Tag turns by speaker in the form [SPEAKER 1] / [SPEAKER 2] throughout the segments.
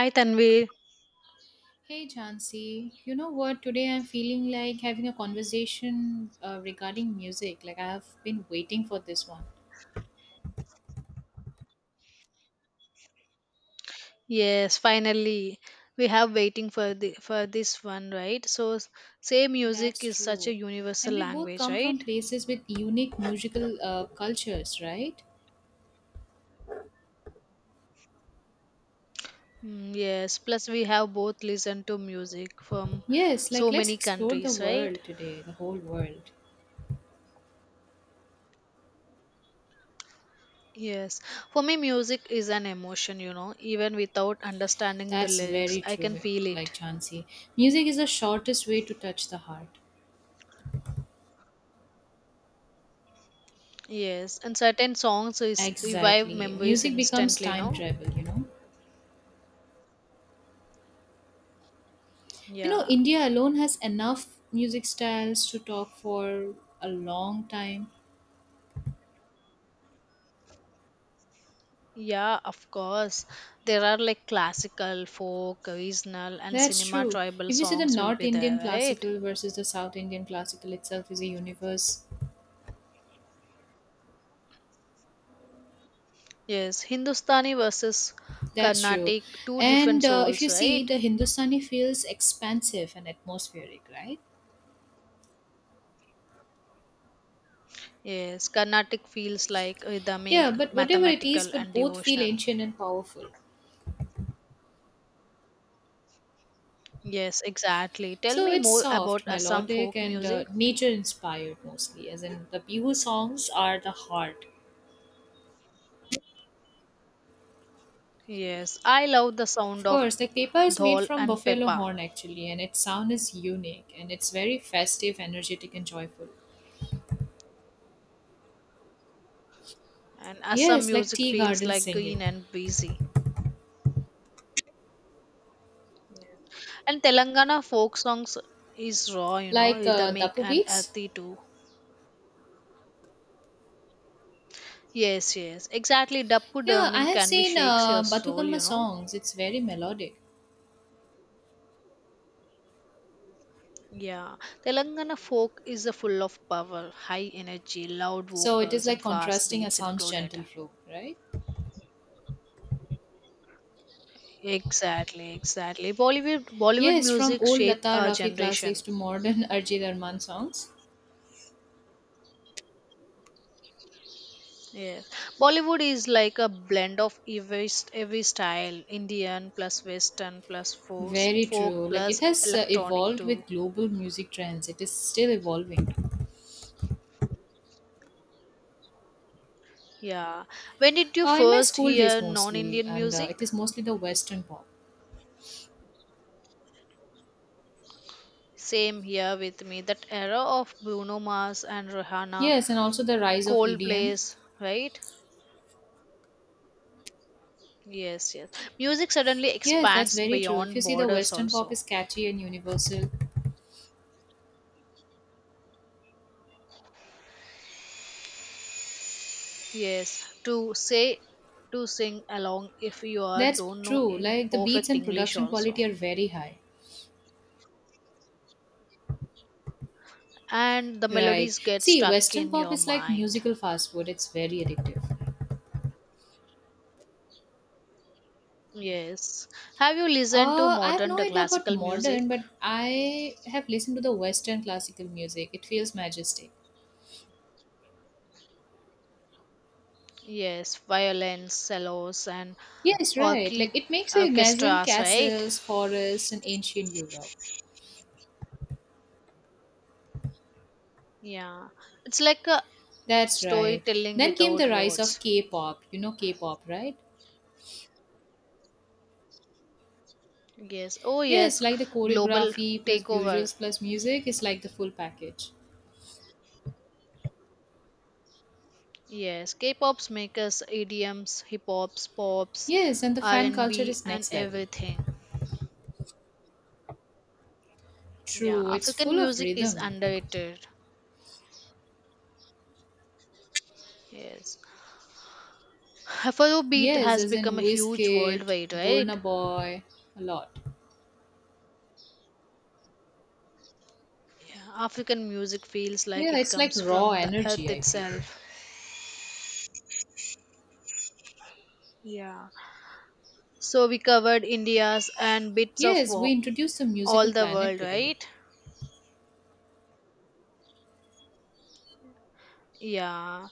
[SPEAKER 1] Hi Tanvi.
[SPEAKER 2] Hey Jansi, you know what? Today I'm feeling like having a conversation regarding music. Like I've been waiting for this one.
[SPEAKER 1] Yes, finally we have waiting for the for this one, right? Say music
[SPEAKER 2] That's
[SPEAKER 1] is such a
[SPEAKER 2] true.
[SPEAKER 1] universal
[SPEAKER 2] And we both
[SPEAKER 1] language,
[SPEAKER 2] come from
[SPEAKER 1] right?
[SPEAKER 2] places with unique musical cultures, right?
[SPEAKER 1] Mm, yes. Plus we have both listened to music from
[SPEAKER 2] Yes, like
[SPEAKER 1] so
[SPEAKER 2] let's
[SPEAKER 1] many
[SPEAKER 2] explore the
[SPEAKER 1] countries, right?
[SPEAKER 2] world today, the whole world.
[SPEAKER 1] Yes. For me, music is an emotion. You know, even without understanding the
[SPEAKER 2] That's
[SPEAKER 1] lyrics,
[SPEAKER 2] very
[SPEAKER 1] I
[SPEAKER 2] true,
[SPEAKER 1] can feel it.
[SPEAKER 2] like Jansi. Music is the shortest way to touch the heart.
[SPEAKER 1] Yes, and certain songs is revive
[SPEAKER 2] Exactly.
[SPEAKER 1] memories
[SPEAKER 2] Music becomes
[SPEAKER 1] instantly.
[SPEAKER 2] time
[SPEAKER 1] No.
[SPEAKER 2] travel, you know? You know,
[SPEAKER 1] Yeah.
[SPEAKER 2] India alone has enough music styles to talk for a long time.
[SPEAKER 1] Yeah, of course. There are like classical, folk, regional, and
[SPEAKER 2] That's
[SPEAKER 1] cinema
[SPEAKER 2] true.
[SPEAKER 1] tribal
[SPEAKER 2] If you see the
[SPEAKER 1] songs will
[SPEAKER 2] North
[SPEAKER 1] be there,
[SPEAKER 2] Indian
[SPEAKER 1] right?
[SPEAKER 2] classical versus the South Indian classical itself is a universe.
[SPEAKER 1] Yes, Hindustani versus
[SPEAKER 2] That's true.
[SPEAKER 1] Carnatic, two different
[SPEAKER 2] And If
[SPEAKER 1] souls,
[SPEAKER 2] you see,
[SPEAKER 1] right?
[SPEAKER 2] the Hindustani feels expansive and atmospheric, right?
[SPEAKER 1] Yes, Carnatic feels like rhythmic,
[SPEAKER 2] Yeah, but whatever it is,
[SPEAKER 1] mathematical,
[SPEAKER 2] but
[SPEAKER 1] and
[SPEAKER 2] both feel
[SPEAKER 1] devotional.
[SPEAKER 2] ancient and powerful.
[SPEAKER 1] Yes, exactly. Tell
[SPEAKER 2] So
[SPEAKER 1] me
[SPEAKER 2] it's
[SPEAKER 1] more
[SPEAKER 2] soft,
[SPEAKER 1] about Assam
[SPEAKER 2] melodic,
[SPEAKER 1] folk
[SPEAKER 2] and
[SPEAKER 1] music.
[SPEAKER 2] nature inspired mostly, as in the Bihu songs are the heart.
[SPEAKER 1] Yes, I love the sound
[SPEAKER 2] Of
[SPEAKER 1] of
[SPEAKER 2] course, like kepa is made
[SPEAKER 1] dhol
[SPEAKER 2] from
[SPEAKER 1] and
[SPEAKER 2] buffalo
[SPEAKER 1] pepa,
[SPEAKER 2] horn actually, and its sound is unique and it's very festive, energetic, and joyful.
[SPEAKER 1] and Assam
[SPEAKER 2] Yes, like
[SPEAKER 1] music
[SPEAKER 2] tea
[SPEAKER 1] feels
[SPEAKER 2] garden
[SPEAKER 1] like green
[SPEAKER 2] singing,
[SPEAKER 1] and breezy. And Telangana folk songs is raw, you know,
[SPEAKER 2] like
[SPEAKER 1] rhythmic
[SPEAKER 2] dapu
[SPEAKER 1] and
[SPEAKER 2] beats.
[SPEAKER 1] earthy too. Yes, yes, exactly. Dappu
[SPEAKER 2] Yeah, I
[SPEAKER 1] Derming
[SPEAKER 2] have
[SPEAKER 1] can be
[SPEAKER 2] seen
[SPEAKER 1] shakes your soul,
[SPEAKER 2] Batukamma
[SPEAKER 1] you know.
[SPEAKER 2] songs. It's very melodic,
[SPEAKER 1] Yeah, Telangana folk is a full of power, high energy, loud
[SPEAKER 2] so it is
[SPEAKER 1] vocals, and
[SPEAKER 2] like
[SPEAKER 1] fast
[SPEAKER 2] contrasting
[SPEAKER 1] beats
[SPEAKER 2] Assam's
[SPEAKER 1] included.
[SPEAKER 2] gentle flow, right?
[SPEAKER 1] Exactly, exactly. Bollywood
[SPEAKER 2] Yes, from
[SPEAKER 1] music
[SPEAKER 2] old
[SPEAKER 1] shaped
[SPEAKER 2] Lata
[SPEAKER 1] our
[SPEAKER 2] Rafi classics
[SPEAKER 1] generation.
[SPEAKER 2] to modern Arjit Arman songs.
[SPEAKER 1] Yes, Bollywood is like a blend of every style, Indian plus Western plus folk,
[SPEAKER 2] Very
[SPEAKER 1] folk
[SPEAKER 2] true. Like
[SPEAKER 1] plus
[SPEAKER 2] it has
[SPEAKER 1] electronic
[SPEAKER 2] evolved
[SPEAKER 1] too.
[SPEAKER 2] with global music trends. It is still evolving.
[SPEAKER 1] Yeah. When did you
[SPEAKER 2] In my
[SPEAKER 1] first
[SPEAKER 2] school days
[SPEAKER 1] hear
[SPEAKER 2] mostly,
[SPEAKER 1] non-Indian
[SPEAKER 2] and
[SPEAKER 1] music?
[SPEAKER 2] it is mostly the Western pop.
[SPEAKER 1] Same here with me. That era of Bruno Mars and Rihanna,
[SPEAKER 2] Yes, and also the rise of EDM.
[SPEAKER 1] Coldplay's, right? Yes, yes. Music suddenly
[SPEAKER 2] Yes, that's
[SPEAKER 1] expands
[SPEAKER 2] very true. If you
[SPEAKER 1] beyond
[SPEAKER 2] see the
[SPEAKER 1] borders
[SPEAKER 2] Western pop
[SPEAKER 1] also.
[SPEAKER 2] is catchy and universal.
[SPEAKER 1] Yes, to say to sing along if you are
[SPEAKER 2] That's
[SPEAKER 1] don't know
[SPEAKER 2] true.
[SPEAKER 1] in
[SPEAKER 2] Like the beats
[SPEAKER 1] perfect
[SPEAKER 2] and
[SPEAKER 1] English
[SPEAKER 2] production
[SPEAKER 1] also.
[SPEAKER 2] quality are very high.
[SPEAKER 1] And the
[SPEAKER 2] Right.
[SPEAKER 1] melodies get
[SPEAKER 2] See,
[SPEAKER 1] stuck
[SPEAKER 2] Western
[SPEAKER 1] in
[SPEAKER 2] pop
[SPEAKER 1] your
[SPEAKER 2] is like
[SPEAKER 1] mind.
[SPEAKER 2] musical fast food. It's very addictive.
[SPEAKER 1] Yes. Have you listened to
[SPEAKER 2] I have
[SPEAKER 1] modern
[SPEAKER 2] no idea about
[SPEAKER 1] classical music?
[SPEAKER 2] modern, but I have listened to the Western classical music. It feels majestic.
[SPEAKER 1] Yes, violins, cellos, and
[SPEAKER 2] Yes, right.
[SPEAKER 1] orchid
[SPEAKER 2] Like it makes you imagine
[SPEAKER 1] orchestras, right?
[SPEAKER 2] castles, forests, and ancient Europe.
[SPEAKER 1] Yeah, it's like a
[SPEAKER 2] That's right.
[SPEAKER 1] storytelling
[SPEAKER 2] Then came
[SPEAKER 1] without
[SPEAKER 2] the rise of
[SPEAKER 1] words.
[SPEAKER 2] K-pop. You know K-pop, right?
[SPEAKER 1] Yes, oh
[SPEAKER 2] Yes,
[SPEAKER 1] yes,
[SPEAKER 2] like the
[SPEAKER 1] global
[SPEAKER 2] choreography plus
[SPEAKER 1] takeover.
[SPEAKER 2] visuals plus music is like the full package.
[SPEAKER 1] Yes, K-pop's make us idioms, hip hops, pops,
[SPEAKER 2] Yes, and the fan culture
[SPEAKER 1] R&B,
[SPEAKER 2] is
[SPEAKER 1] and B, and
[SPEAKER 2] next level.
[SPEAKER 1] everything. Yeah,
[SPEAKER 2] True, it's
[SPEAKER 1] African
[SPEAKER 2] full of
[SPEAKER 1] music is
[SPEAKER 2] rhythm, I feel.
[SPEAKER 1] underrated. Yes, Afrobeat
[SPEAKER 2] Yes,
[SPEAKER 1] has
[SPEAKER 2] as
[SPEAKER 1] become
[SPEAKER 2] in
[SPEAKER 1] a huge
[SPEAKER 2] Wizkid,
[SPEAKER 1] worldwide,
[SPEAKER 2] Burna
[SPEAKER 1] right?
[SPEAKER 2] Boy, a lot.
[SPEAKER 1] Yeah, African music feels like
[SPEAKER 2] Yeah,
[SPEAKER 1] it
[SPEAKER 2] it's like
[SPEAKER 1] comes
[SPEAKER 2] raw
[SPEAKER 1] from the earth
[SPEAKER 2] energy, I feel.
[SPEAKER 1] itself. Yeah. So we covered India's and bits of
[SPEAKER 2] Yes, we
[SPEAKER 1] wo-
[SPEAKER 2] introduced the musical
[SPEAKER 1] All the
[SPEAKER 2] planet
[SPEAKER 1] world,
[SPEAKER 2] today.
[SPEAKER 1] right? Yeah.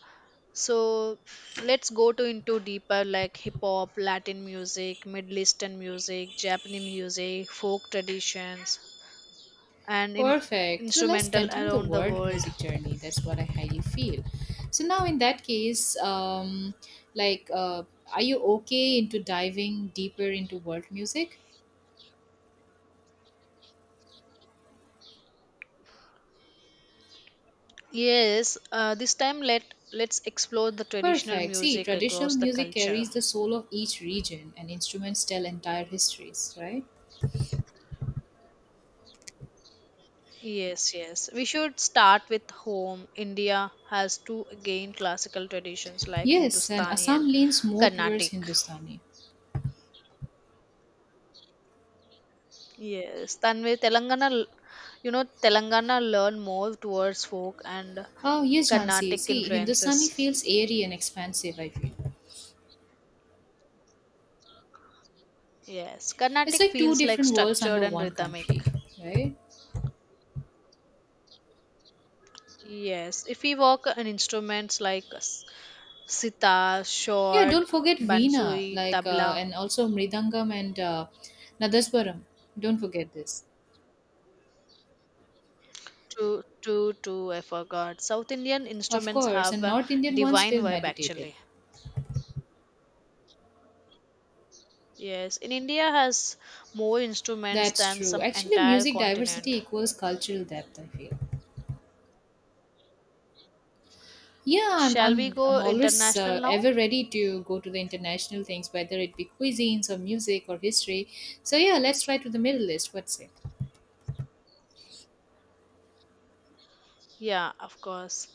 [SPEAKER 1] So let's go to into deeper like hip hop, Latin music, Middle Eastern music, Japanese music, folk traditions, and in
[SPEAKER 2] Perfect. So let's
[SPEAKER 1] instrumental
[SPEAKER 2] continue the
[SPEAKER 1] around the
[SPEAKER 2] world
[SPEAKER 1] world.
[SPEAKER 2] music journey. That's what I highly feel. So now, in that case, like, uh, are you okay into diving deeper into world music?
[SPEAKER 1] Yes. This time let's explore the traditional
[SPEAKER 2] Perfect. See,
[SPEAKER 1] music
[SPEAKER 2] traditional
[SPEAKER 1] across the
[SPEAKER 2] music
[SPEAKER 1] culture.
[SPEAKER 2] carries the soul of each region, and instruments tell entire histories, right?
[SPEAKER 1] Yes, yes. We should start with home. India has two again classical traditions like
[SPEAKER 2] Yes, and
[SPEAKER 1] Hindustani
[SPEAKER 2] Assam
[SPEAKER 1] and
[SPEAKER 2] leans more towards
[SPEAKER 1] Carnatic.
[SPEAKER 2] Hindustani.
[SPEAKER 1] Yes, Tanvi, you know, Telangana learn more towards folk and
[SPEAKER 2] Oh, yes, Jhansi.
[SPEAKER 1] Carnatic
[SPEAKER 2] See, Hindustani
[SPEAKER 1] influences.
[SPEAKER 2] feels airy and expansive, I feel.
[SPEAKER 1] Yes,
[SPEAKER 2] It's
[SPEAKER 1] Carnatic
[SPEAKER 2] like two
[SPEAKER 1] feels like
[SPEAKER 2] different worlds
[SPEAKER 1] structured
[SPEAKER 2] under
[SPEAKER 1] and
[SPEAKER 2] one
[SPEAKER 1] rhythmic.
[SPEAKER 2] country, right?
[SPEAKER 1] Yes, if we work on instruments like sitar,
[SPEAKER 2] Yeah,
[SPEAKER 1] shod,
[SPEAKER 2] don't forget Veena,
[SPEAKER 1] bansuri,
[SPEAKER 2] like,
[SPEAKER 1] tabla,
[SPEAKER 2] and also Mridangam and Nadaswaram. Don't forget this.
[SPEAKER 1] True, true, true. I forgot. South Indian
[SPEAKER 2] Of
[SPEAKER 1] instruments
[SPEAKER 2] course,
[SPEAKER 1] have
[SPEAKER 2] and
[SPEAKER 1] a
[SPEAKER 2] North Indian ones
[SPEAKER 1] divine
[SPEAKER 2] feel
[SPEAKER 1] vibe
[SPEAKER 2] meditative.
[SPEAKER 1] actually. Yes, in India has more instruments
[SPEAKER 2] That's
[SPEAKER 1] than
[SPEAKER 2] true.
[SPEAKER 1] some
[SPEAKER 2] Actually,
[SPEAKER 1] entire
[SPEAKER 2] music diversity
[SPEAKER 1] continent.
[SPEAKER 2] equals cultural depth, I feel. Yeah, I'm,
[SPEAKER 1] Shall we
[SPEAKER 2] I'm, I'm
[SPEAKER 1] go
[SPEAKER 2] always
[SPEAKER 1] international now?
[SPEAKER 2] ever ready to go to the international things, whether it be cuisines or music or history. So, yeah, let's try to the Middle East. What's it?
[SPEAKER 1] Yeah, of course.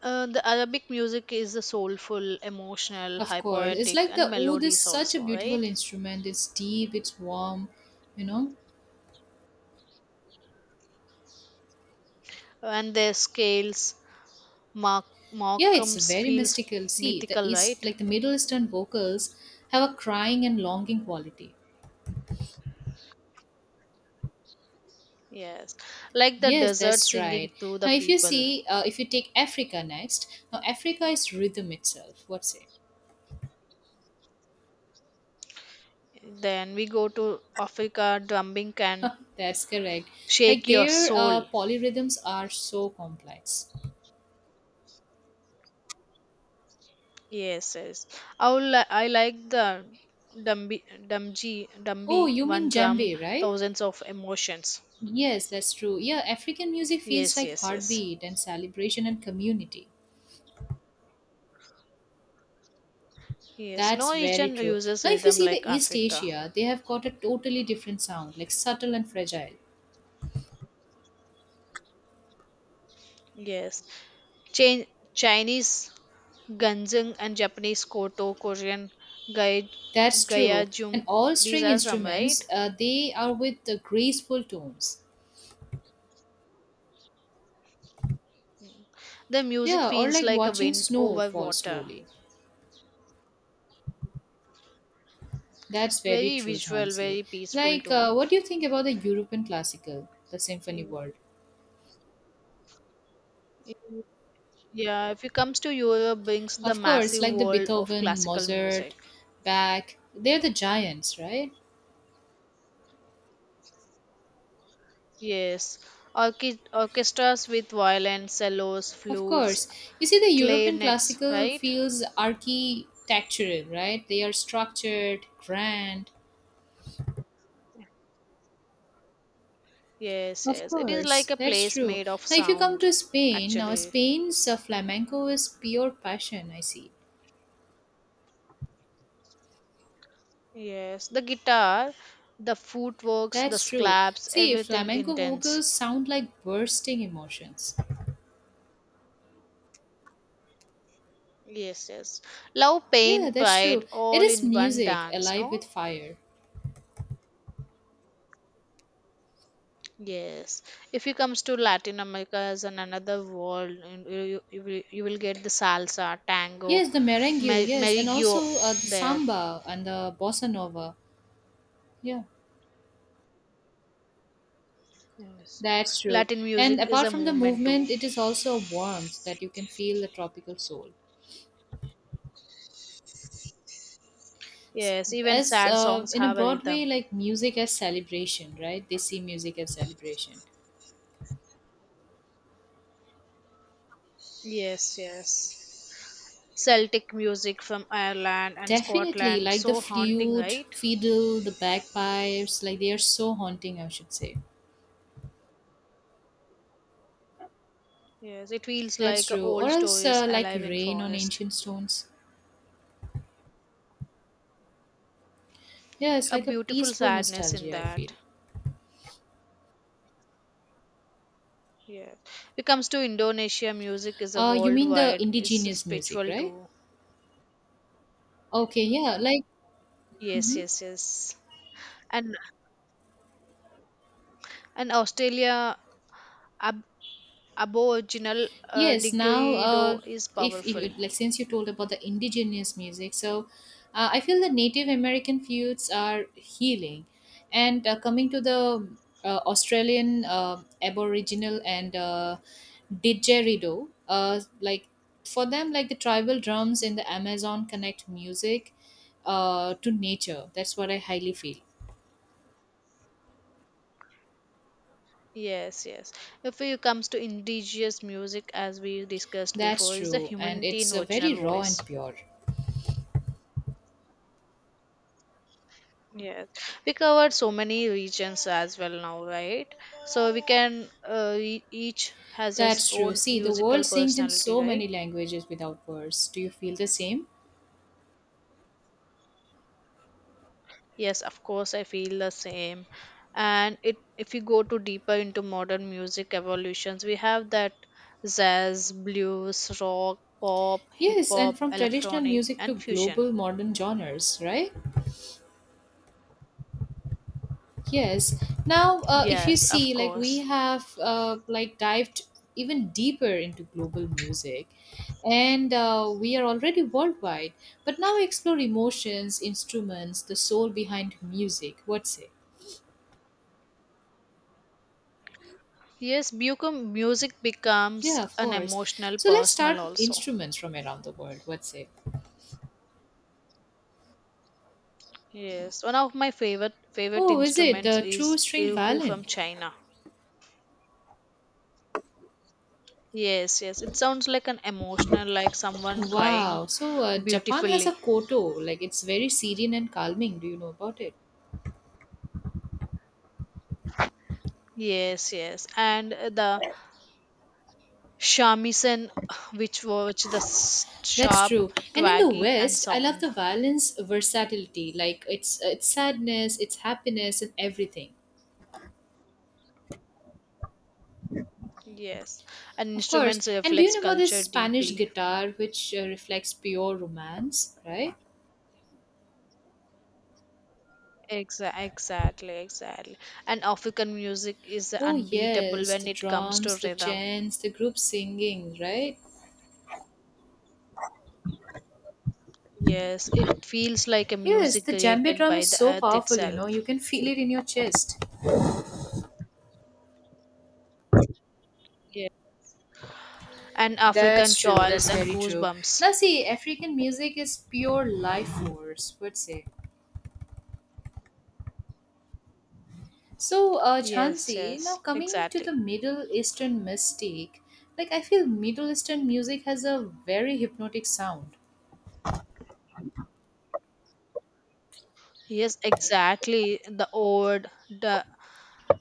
[SPEAKER 1] The Arabic music is soulful, emotional,
[SPEAKER 2] Of
[SPEAKER 1] high
[SPEAKER 2] course. It's
[SPEAKER 1] poetic,
[SPEAKER 2] like
[SPEAKER 1] and
[SPEAKER 2] the oud is
[SPEAKER 1] melodies
[SPEAKER 2] such a
[SPEAKER 1] also, right?
[SPEAKER 2] beautiful instrument. It's deep, it's warm, you know?
[SPEAKER 1] And their scales, Mark
[SPEAKER 2] Yeah, it's
[SPEAKER 1] Markham's
[SPEAKER 2] very
[SPEAKER 1] feels
[SPEAKER 2] mystical. See, the
[SPEAKER 1] mythical,
[SPEAKER 2] East,
[SPEAKER 1] right?
[SPEAKER 2] like the Middle Eastern vocals, have a crying and longing quality.
[SPEAKER 1] Yes, like the
[SPEAKER 2] Yes,
[SPEAKER 1] desert
[SPEAKER 2] that's
[SPEAKER 1] singing
[SPEAKER 2] right.
[SPEAKER 1] to the
[SPEAKER 2] Now, if you
[SPEAKER 1] people.
[SPEAKER 2] see, if you take Africa next, now Africa is rhythm itself. What's it?
[SPEAKER 1] Then we go to Africa, drumming can
[SPEAKER 2] That's correct.
[SPEAKER 1] shake
[SPEAKER 2] Like
[SPEAKER 1] your
[SPEAKER 2] their
[SPEAKER 1] soul.
[SPEAKER 2] polyrhythms are so complex.
[SPEAKER 1] Yes, yes. I like the
[SPEAKER 2] Oh,
[SPEAKER 1] Dumbi,
[SPEAKER 2] you
[SPEAKER 1] one
[SPEAKER 2] mean
[SPEAKER 1] drum,
[SPEAKER 2] djembe, right?
[SPEAKER 1] thousands of emotions.
[SPEAKER 2] Yes, that's true. Yeah, African music feels
[SPEAKER 1] Yes,
[SPEAKER 2] like
[SPEAKER 1] yes, yes.
[SPEAKER 2] heartbeat and celebration and community.
[SPEAKER 1] Yes.
[SPEAKER 2] That's
[SPEAKER 1] No
[SPEAKER 2] very
[SPEAKER 1] region
[SPEAKER 2] true.
[SPEAKER 1] uses
[SPEAKER 2] Now, if you
[SPEAKER 1] rhythm
[SPEAKER 2] see the
[SPEAKER 1] like
[SPEAKER 2] East
[SPEAKER 1] Africa.
[SPEAKER 2] Asia, they have got a totally different sound, like subtle and fragile.
[SPEAKER 1] Yes. Chin- Chinese Ganjung and Japanese Koto, Gai-
[SPEAKER 2] That's true. And
[SPEAKER 1] Gayajum.
[SPEAKER 2] all
[SPEAKER 1] These
[SPEAKER 2] string
[SPEAKER 1] are some, right?
[SPEAKER 2] instruments, they are with the graceful tones.
[SPEAKER 1] The music
[SPEAKER 2] Yeah, or
[SPEAKER 1] feels
[SPEAKER 2] like
[SPEAKER 1] like a
[SPEAKER 2] watching
[SPEAKER 1] wind
[SPEAKER 2] snow
[SPEAKER 1] over
[SPEAKER 2] fall
[SPEAKER 1] water.
[SPEAKER 2] slowly. That's very
[SPEAKER 1] Very
[SPEAKER 2] true,
[SPEAKER 1] visual,
[SPEAKER 2] Jhansi.
[SPEAKER 1] very peaceful
[SPEAKER 2] Like,
[SPEAKER 1] too.
[SPEAKER 2] what do you think about the European classical, the symphony
[SPEAKER 1] In-
[SPEAKER 2] world?
[SPEAKER 1] in- Yeah, if it comes to Europe, brings the
[SPEAKER 2] Of course,
[SPEAKER 1] massive
[SPEAKER 2] like the
[SPEAKER 1] world of
[SPEAKER 2] Beethoven,
[SPEAKER 1] classical music.
[SPEAKER 2] Mozart, Bach, they're the giants, right?
[SPEAKER 1] Yes, orchestras with violin, cellos,
[SPEAKER 2] Of
[SPEAKER 1] flutes,
[SPEAKER 2] course. You see, the European
[SPEAKER 1] clarinets,
[SPEAKER 2] classical
[SPEAKER 1] right?
[SPEAKER 2] feels architectural, right? They are structured, grand.
[SPEAKER 1] Yes,
[SPEAKER 2] Of
[SPEAKER 1] yes. It is like
[SPEAKER 2] course,
[SPEAKER 1] a
[SPEAKER 2] that's
[SPEAKER 1] place
[SPEAKER 2] true.
[SPEAKER 1] made of
[SPEAKER 2] Now, if you come
[SPEAKER 1] sound,
[SPEAKER 2] to Spain, now
[SPEAKER 1] actually.
[SPEAKER 2] Spain's flamenco is pure passion, I see.
[SPEAKER 1] Yes, the guitar, the footworks, the
[SPEAKER 2] That's true.
[SPEAKER 1] slaps,
[SPEAKER 2] See,
[SPEAKER 1] everything
[SPEAKER 2] flamenco
[SPEAKER 1] intense.
[SPEAKER 2] vocals sound like bursting emotions.
[SPEAKER 1] Yes, yes. Love, pain,
[SPEAKER 2] Yeah, that's
[SPEAKER 1] pride,
[SPEAKER 2] true. It
[SPEAKER 1] all
[SPEAKER 2] is
[SPEAKER 1] in one
[SPEAKER 2] music
[SPEAKER 1] dance,
[SPEAKER 2] alive
[SPEAKER 1] no?
[SPEAKER 2] with fire.
[SPEAKER 1] Yes, if you comes to Latin America as an another world, and you will get the salsa, tango,
[SPEAKER 2] Yes, the merengue, yes, and
[SPEAKER 1] meriggio
[SPEAKER 2] also the
[SPEAKER 1] there.
[SPEAKER 2] samba and the bossa nova. Yeah.
[SPEAKER 1] Yes,
[SPEAKER 2] That's true.
[SPEAKER 1] Latin
[SPEAKER 2] And
[SPEAKER 1] music is
[SPEAKER 2] apart
[SPEAKER 1] a
[SPEAKER 2] from the
[SPEAKER 1] movement too.
[SPEAKER 2] movement, it is also a warmth that you can feel the tropical soul.
[SPEAKER 1] Yes, even
[SPEAKER 2] As
[SPEAKER 1] sad songs
[SPEAKER 2] in a
[SPEAKER 1] have a
[SPEAKER 2] broad
[SPEAKER 1] rhythm.
[SPEAKER 2] way, like music as celebration, right? They see music as celebration.
[SPEAKER 1] Yes, yes. Celtic music from Ireland and
[SPEAKER 2] Definitely,
[SPEAKER 1] Scotland,
[SPEAKER 2] like the
[SPEAKER 1] so haunting,
[SPEAKER 2] flute,
[SPEAKER 1] right?
[SPEAKER 2] fiddle, the bagpipes, like they are so haunting, I should say.
[SPEAKER 1] Yes, it feels
[SPEAKER 2] That's
[SPEAKER 1] like
[SPEAKER 2] true. Or
[SPEAKER 1] old
[SPEAKER 2] else,
[SPEAKER 1] stories
[SPEAKER 2] like
[SPEAKER 1] alive in
[SPEAKER 2] rain on
[SPEAKER 1] forest.
[SPEAKER 2] ancient stones. Yeah, it's
[SPEAKER 1] A
[SPEAKER 2] like a
[SPEAKER 1] beautiful
[SPEAKER 2] peaceful
[SPEAKER 1] sadness in
[SPEAKER 2] nostalgia, I
[SPEAKER 1] that.
[SPEAKER 2] feel.
[SPEAKER 1] Yes. It comes to Indonesia, music is a
[SPEAKER 2] You mean the
[SPEAKER 1] worldwide, it's a
[SPEAKER 2] indigenous music,
[SPEAKER 1] spiritual
[SPEAKER 2] right?
[SPEAKER 1] too.
[SPEAKER 2] Okay, yeah, like.
[SPEAKER 1] Yes,
[SPEAKER 2] Mhm.
[SPEAKER 1] yes, yes. And and Australia ab- Aboriginal
[SPEAKER 2] Yes, now
[SPEAKER 1] Digrido is
[SPEAKER 2] if,
[SPEAKER 1] powerful.
[SPEAKER 2] if like since you told about the indigenous music, so I feel the Native American feuds are healing, and coming to the Australian Aboriginal and didgeridoo, like for them, like the tribal drums in the Amazon connect music to nature. That's what I highly feel.
[SPEAKER 1] Yes, yes. If it comes to indigenous music, as we discussed
[SPEAKER 2] That's
[SPEAKER 1] before, is the
[SPEAKER 2] true, and
[SPEAKER 1] humanity in
[SPEAKER 2] it's
[SPEAKER 1] original
[SPEAKER 2] very raw
[SPEAKER 1] voice.
[SPEAKER 2] and pure.
[SPEAKER 1] Yes, we covered so many regions as well now, right? So we can each has its
[SPEAKER 2] That's true.
[SPEAKER 1] own
[SPEAKER 2] See, the
[SPEAKER 1] musical
[SPEAKER 2] world sings in
[SPEAKER 1] personality,
[SPEAKER 2] so
[SPEAKER 1] right?
[SPEAKER 2] many languages without words. Do you feel the same?
[SPEAKER 1] Yes, of course, I feel the same. And it, if you go to deeper into modern music evolutions, we have that jazz, blues, rock, pop, hip
[SPEAKER 2] Yes, and
[SPEAKER 1] hop,
[SPEAKER 2] from traditional
[SPEAKER 1] electronic,
[SPEAKER 2] music to
[SPEAKER 1] and fusion.
[SPEAKER 2] global modern genres, right? Yes. Now, if you
[SPEAKER 1] Yes, of
[SPEAKER 2] see, like we
[SPEAKER 1] course.
[SPEAKER 2] have like dived even deeper into global music, and we are already worldwide. But now we explore emotions, instruments, the soul behind music. What say?
[SPEAKER 1] Yes, become music becomes
[SPEAKER 2] Yeah, of
[SPEAKER 1] an
[SPEAKER 2] course.
[SPEAKER 1] emotional,
[SPEAKER 2] So let's
[SPEAKER 1] personal
[SPEAKER 2] start with
[SPEAKER 1] also.
[SPEAKER 2] instruments from around the world. What say?
[SPEAKER 1] Yes, one of my favorite
[SPEAKER 2] Oh, is it
[SPEAKER 1] instruments
[SPEAKER 2] the
[SPEAKER 1] is
[SPEAKER 2] true stringed
[SPEAKER 1] erhu from
[SPEAKER 2] violin?
[SPEAKER 1] China. Yes, yes, it sounds like an emotional, like someone crying
[SPEAKER 2] Wow. So Japan has a
[SPEAKER 1] beautifully.
[SPEAKER 2] koto, like it's very serene and calming. Do you know about it?
[SPEAKER 1] Yes, yes. And the shamisen, which was the
[SPEAKER 2] That's
[SPEAKER 1] sharp,
[SPEAKER 2] true. And in the
[SPEAKER 1] twaggy, and
[SPEAKER 2] West, I love
[SPEAKER 1] sound.
[SPEAKER 2] the violin's versatility, like it's sadness, it's happiness, and everything.
[SPEAKER 1] Yes. And
[SPEAKER 2] Of course.
[SPEAKER 1] instruments
[SPEAKER 2] And do you
[SPEAKER 1] reflects
[SPEAKER 2] know about
[SPEAKER 1] culture
[SPEAKER 2] this Spanish
[SPEAKER 1] deeply.
[SPEAKER 2] guitar, which reflects pure romance, right?
[SPEAKER 1] Exactly, exactly. And African music is
[SPEAKER 2] Oh
[SPEAKER 1] unbeatable
[SPEAKER 2] yes,
[SPEAKER 1] when
[SPEAKER 2] the
[SPEAKER 1] it comes to
[SPEAKER 2] drums, the
[SPEAKER 1] rhythm.
[SPEAKER 2] chants, the group singing, right?
[SPEAKER 1] Yes, it feels like a
[SPEAKER 2] Yes,
[SPEAKER 1] music
[SPEAKER 2] the djembe
[SPEAKER 1] created
[SPEAKER 2] drum
[SPEAKER 1] by
[SPEAKER 2] is
[SPEAKER 1] the
[SPEAKER 2] so
[SPEAKER 1] earth
[SPEAKER 2] powerful. You
[SPEAKER 1] itself.
[SPEAKER 2] know, you can feel it in your chest.
[SPEAKER 1] Yeah. And African
[SPEAKER 2] That's true.
[SPEAKER 1] choice
[SPEAKER 2] That's
[SPEAKER 1] and
[SPEAKER 2] very true.
[SPEAKER 1] goosebumps.
[SPEAKER 2] Now, see, African music is pure life force, would say. So,
[SPEAKER 1] Yes,
[SPEAKER 2] Jhansi, now
[SPEAKER 1] yes,
[SPEAKER 2] coming to
[SPEAKER 1] exactly.
[SPEAKER 2] the Middle Eastern mystique, like I feel Middle Eastern music has a very hypnotic sound.
[SPEAKER 1] Yes, exactly. The ode, the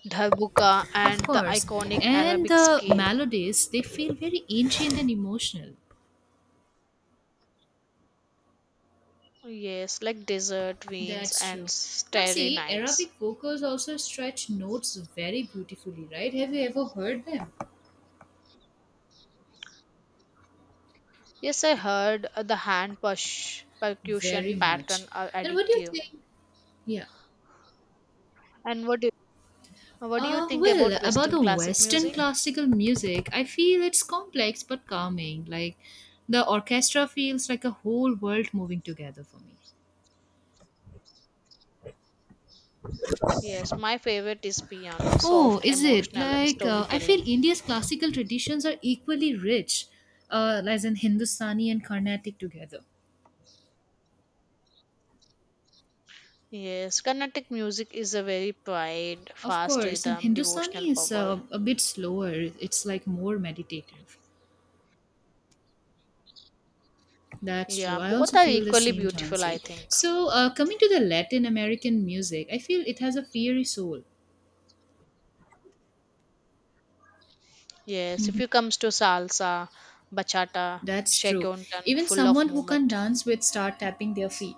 [SPEAKER 1] Darbuka
[SPEAKER 2] Of
[SPEAKER 1] and the
[SPEAKER 2] course,
[SPEAKER 1] iconic
[SPEAKER 2] and
[SPEAKER 1] Arabic
[SPEAKER 2] the
[SPEAKER 1] scale.
[SPEAKER 2] melodies they feel very ancient and emotional.
[SPEAKER 1] Yes, like desert winds
[SPEAKER 2] That's
[SPEAKER 1] and
[SPEAKER 2] true. Now,
[SPEAKER 1] starry
[SPEAKER 2] see,
[SPEAKER 1] nights.
[SPEAKER 2] Arabic vocals also stretch notes very beautifully, right? Have you ever heard them?
[SPEAKER 1] Yes, I heard the hand push percussion
[SPEAKER 2] Very much.
[SPEAKER 1] pattern are
[SPEAKER 2] And what do you
[SPEAKER 1] addictive.
[SPEAKER 2] think? Yeah.
[SPEAKER 1] And what do you think about
[SPEAKER 2] Well, about
[SPEAKER 1] Western
[SPEAKER 2] the
[SPEAKER 1] classic
[SPEAKER 2] Western
[SPEAKER 1] music?
[SPEAKER 2] classical music, I feel it's complex but calming. Like the orchestra feels like a whole world moving together for me.
[SPEAKER 1] Yes, my favorite is piano,
[SPEAKER 2] Oh,
[SPEAKER 1] soft,
[SPEAKER 2] is it?
[SPEAKER 1] emotional, and
[SPEAKER 2] Like, I
[SPEAKER 1] storytelling.
[SPEAKER 2] feel India's classical traditions are equally rich, as in Hindustani and Carnatic together.
[SPEAKER 1] Yes, Carnatic music is a very pride,
[SPEAKER 2] Of
[SPEAKER 1] fast
[SPEAKER 2] course, and
[SPEAKER 1] rhythm, devotional
[SPEAKER 2] Hindustani is
[SPEAKER 1] power.
[SPEAKER 2] a bit slower, it's like more meditative. That's true.
[SPEAKER 1] Yeah,
[SPEAKER 2] I
[SPEAKER 1] both
[SPEAKER 2] also
[SPEAKER 1] are
[SPEAKER 2] feel the
[SPEAKER 1] equally
[SPEAKER 2] same,
[SPEAKER 1] beautiful, I
[SPEAKER 2] Chansey.
[SPEAKER 1] think.
[SPEAKER 2] So, coming to the Latin American music, I feel it has a fiery soul.
[SPEAKER 1] Yes, if
[SPEAKER 2] Hmm.
[SPEAKER 1] you comes to salsa, bachata,
[SPEAKER 2] That's true.
[SPEAKER 1] shaguntan,
[SPEAKER 2] Even
[SPEAKER 1] full of
[SPEAKER 2] someone who can
[SPEAKER 1] movement.
[SPEAKER 2] dance would start tapping their feet.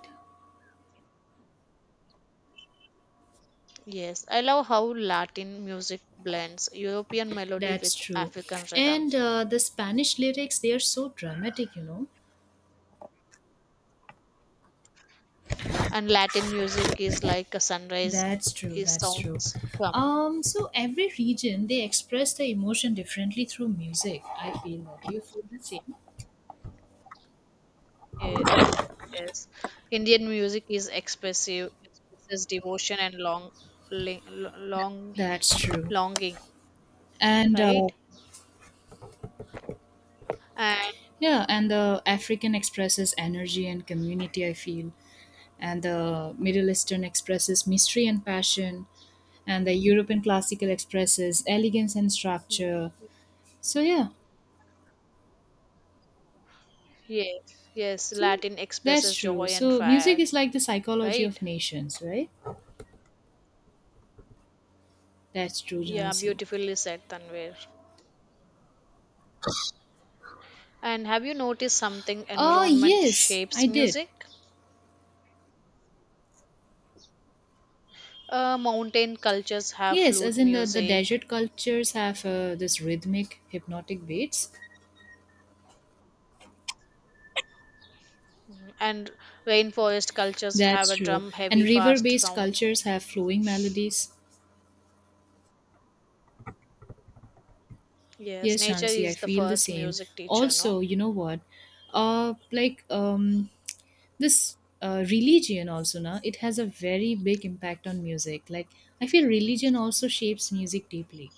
[SPEAKER 1] Yes, I love how Latin music blends European melody with
[SPEAKER 2] That's true.
[SPEAKER 1] African rhythm.
[SPEAKER 2] And the Spanish lyrics, they are so dramatic, you know.
[SPEAKER 1] And Latin music is like a sunrise
[SPEAKER 2] That's true.
[SPEAKER 1] is
[SPEAKER 2] That's true.
[SPEAKER 1] sounds from.
[SPEAKER 2] So every region they express the emotion differently through music. I feel that. Do you feel the same?
[SPEAKER 1] Yes, yes, yes. Indian music is expressive, expresses devotion and long, long,
[SPEAKER 2] That's true.
[SPEAKER 1] longing,
[SPEAKER 2] And
[SPEAKER 1] right? And
[SPEAKER 2] yeah, and the African expresses energy and community. I feel, and the Middle Eastern expresses mystery and passion and the European classical expresses elegance and structure. So yeah,
[SPEAKER 1] yes, yes,
[SPEAKER 2] so
[SPEAKER 1] Latin
[SPEAKER 2] that's
[SPEAKER 1] expresses
[SPEAKER 2] true.
[SPEAKER 1] joy and
[SPEAKER 2] So music
[SPEAKER 1] fire,
[SPEAKER 2] is like the psychology
[SPEAKER 1] right?
[SPEAKER 2] of nations, right? That's true,
[SPEAKER 1] Yeah,
[SPEAKER 2] Jansi.
[SPEAKER 1] beautifully said, Tanvir. And have you noticed something?
[SPEAKER 2] Oh
[SPEAKER 1] Environment
[SPEAKER 2] yes, I
[SPEAKER 1] shapes
[SPEAKER 2] did.
[SPEAKER 1] music. Mountain cultures have
[SPEAKER 2] Yes,
[SPEAKER 1] flute
[SPEAKER 2] as in the
[SPEAKER 1] music,
[SPEAKER 2] desert cultures have this rhythmic, hypnotic beats.
[SPEAKER 1] and rainforest cultures have
[SPEAKER 2] That's
[SPEAKER 1] a
[SPEAKER 2] true.
[SPEAKER 1] drum
[SPEAKER 2] And
[SPEAKER 1] heavy, fast
[SPEAKER 2] river-based
[SPEAKER 1] sound.
[SPEAKER 2] cultures have flowing melodies.
[SPEAKER 1] Yes,
[SPEAKER 2] Yes,
[SPEAKER 1] nature
[SPEAKER 2] Shansi, I
[SPEAKER 1] is the
[SPEAKER 2] feel the
[SPEAKER 1] first
[SPEAKER 2] same.
[SPEAKER 1] music teacher, no?
[SPEAKER 2] Also, you know what? Like this religion also now it has a very big impact on music, like I feel religion also shapes music deeply.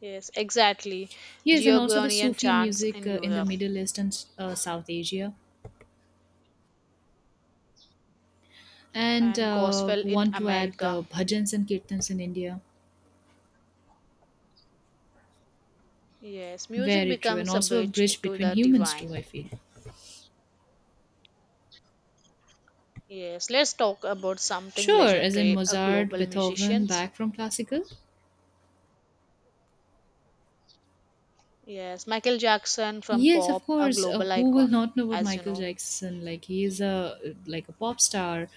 [SPEAKER 1] Yes, exactly.
[SPEAKER 2] Yes and also the
[SPEAKER 1] Gregorian
[SPEAKER 2] Sufi
[SPEAKER 1] chants
[SPEAKER 2] music,
[SPEAKER 1] in
[SPEAKER 2] in the
[SPEAKER 1] Europe
[SPEAKER 2] Middle East and South Asia and
[SPEAKER 1] and gospel in
[SPEAKER 2] want to add
[SPEAKER 1] America.
[SPEAKER 2] the bhajans and kirtans in India.
[SPEAKER 1] Yes, music
[SPEAKER 2] Very true, and
[SPEAKER 1] becomes a
[SPEAKER 2] also a
[SPEAKER 1] bridge
[SPEAKER 2] bridge
[SPEAKER 1] to
[SPEAKER 2] between
[SPEAKER 1] the
[SPEAKER 2] humans
[SPEAKER 1] divine.
[SPEAKER 2] too, I feel.
[SPEAKER 1] Yes, let's talk about something
[SPEAKER 2] Sure, as in
[SPEAKER 1] legendary, a
[SPEAKER 2] Mozart,
[SPEAKER 1] global
[SPEAKER 2] Beethoven,
[SPEAKER 1] musicians.
[SPEAKER 2] back from classical.
[SPEAKER 1] Yes, Michael Jackson from
[SPEAKER 2] Yes, of
[SPEAKER 1] pop, a
[SPEAKER 2] course.
[SPEAKER 1] global
[SPEAKER 2] Who will
[SPEAKER 1] icon,
[SPEAKER 2] not know about
[SPEAKER 1] as you
[SPEAKER 2] Michael
[SPEAKER 1] know,
[SPEAKER 2] Jackson? Like he is a like a pop star,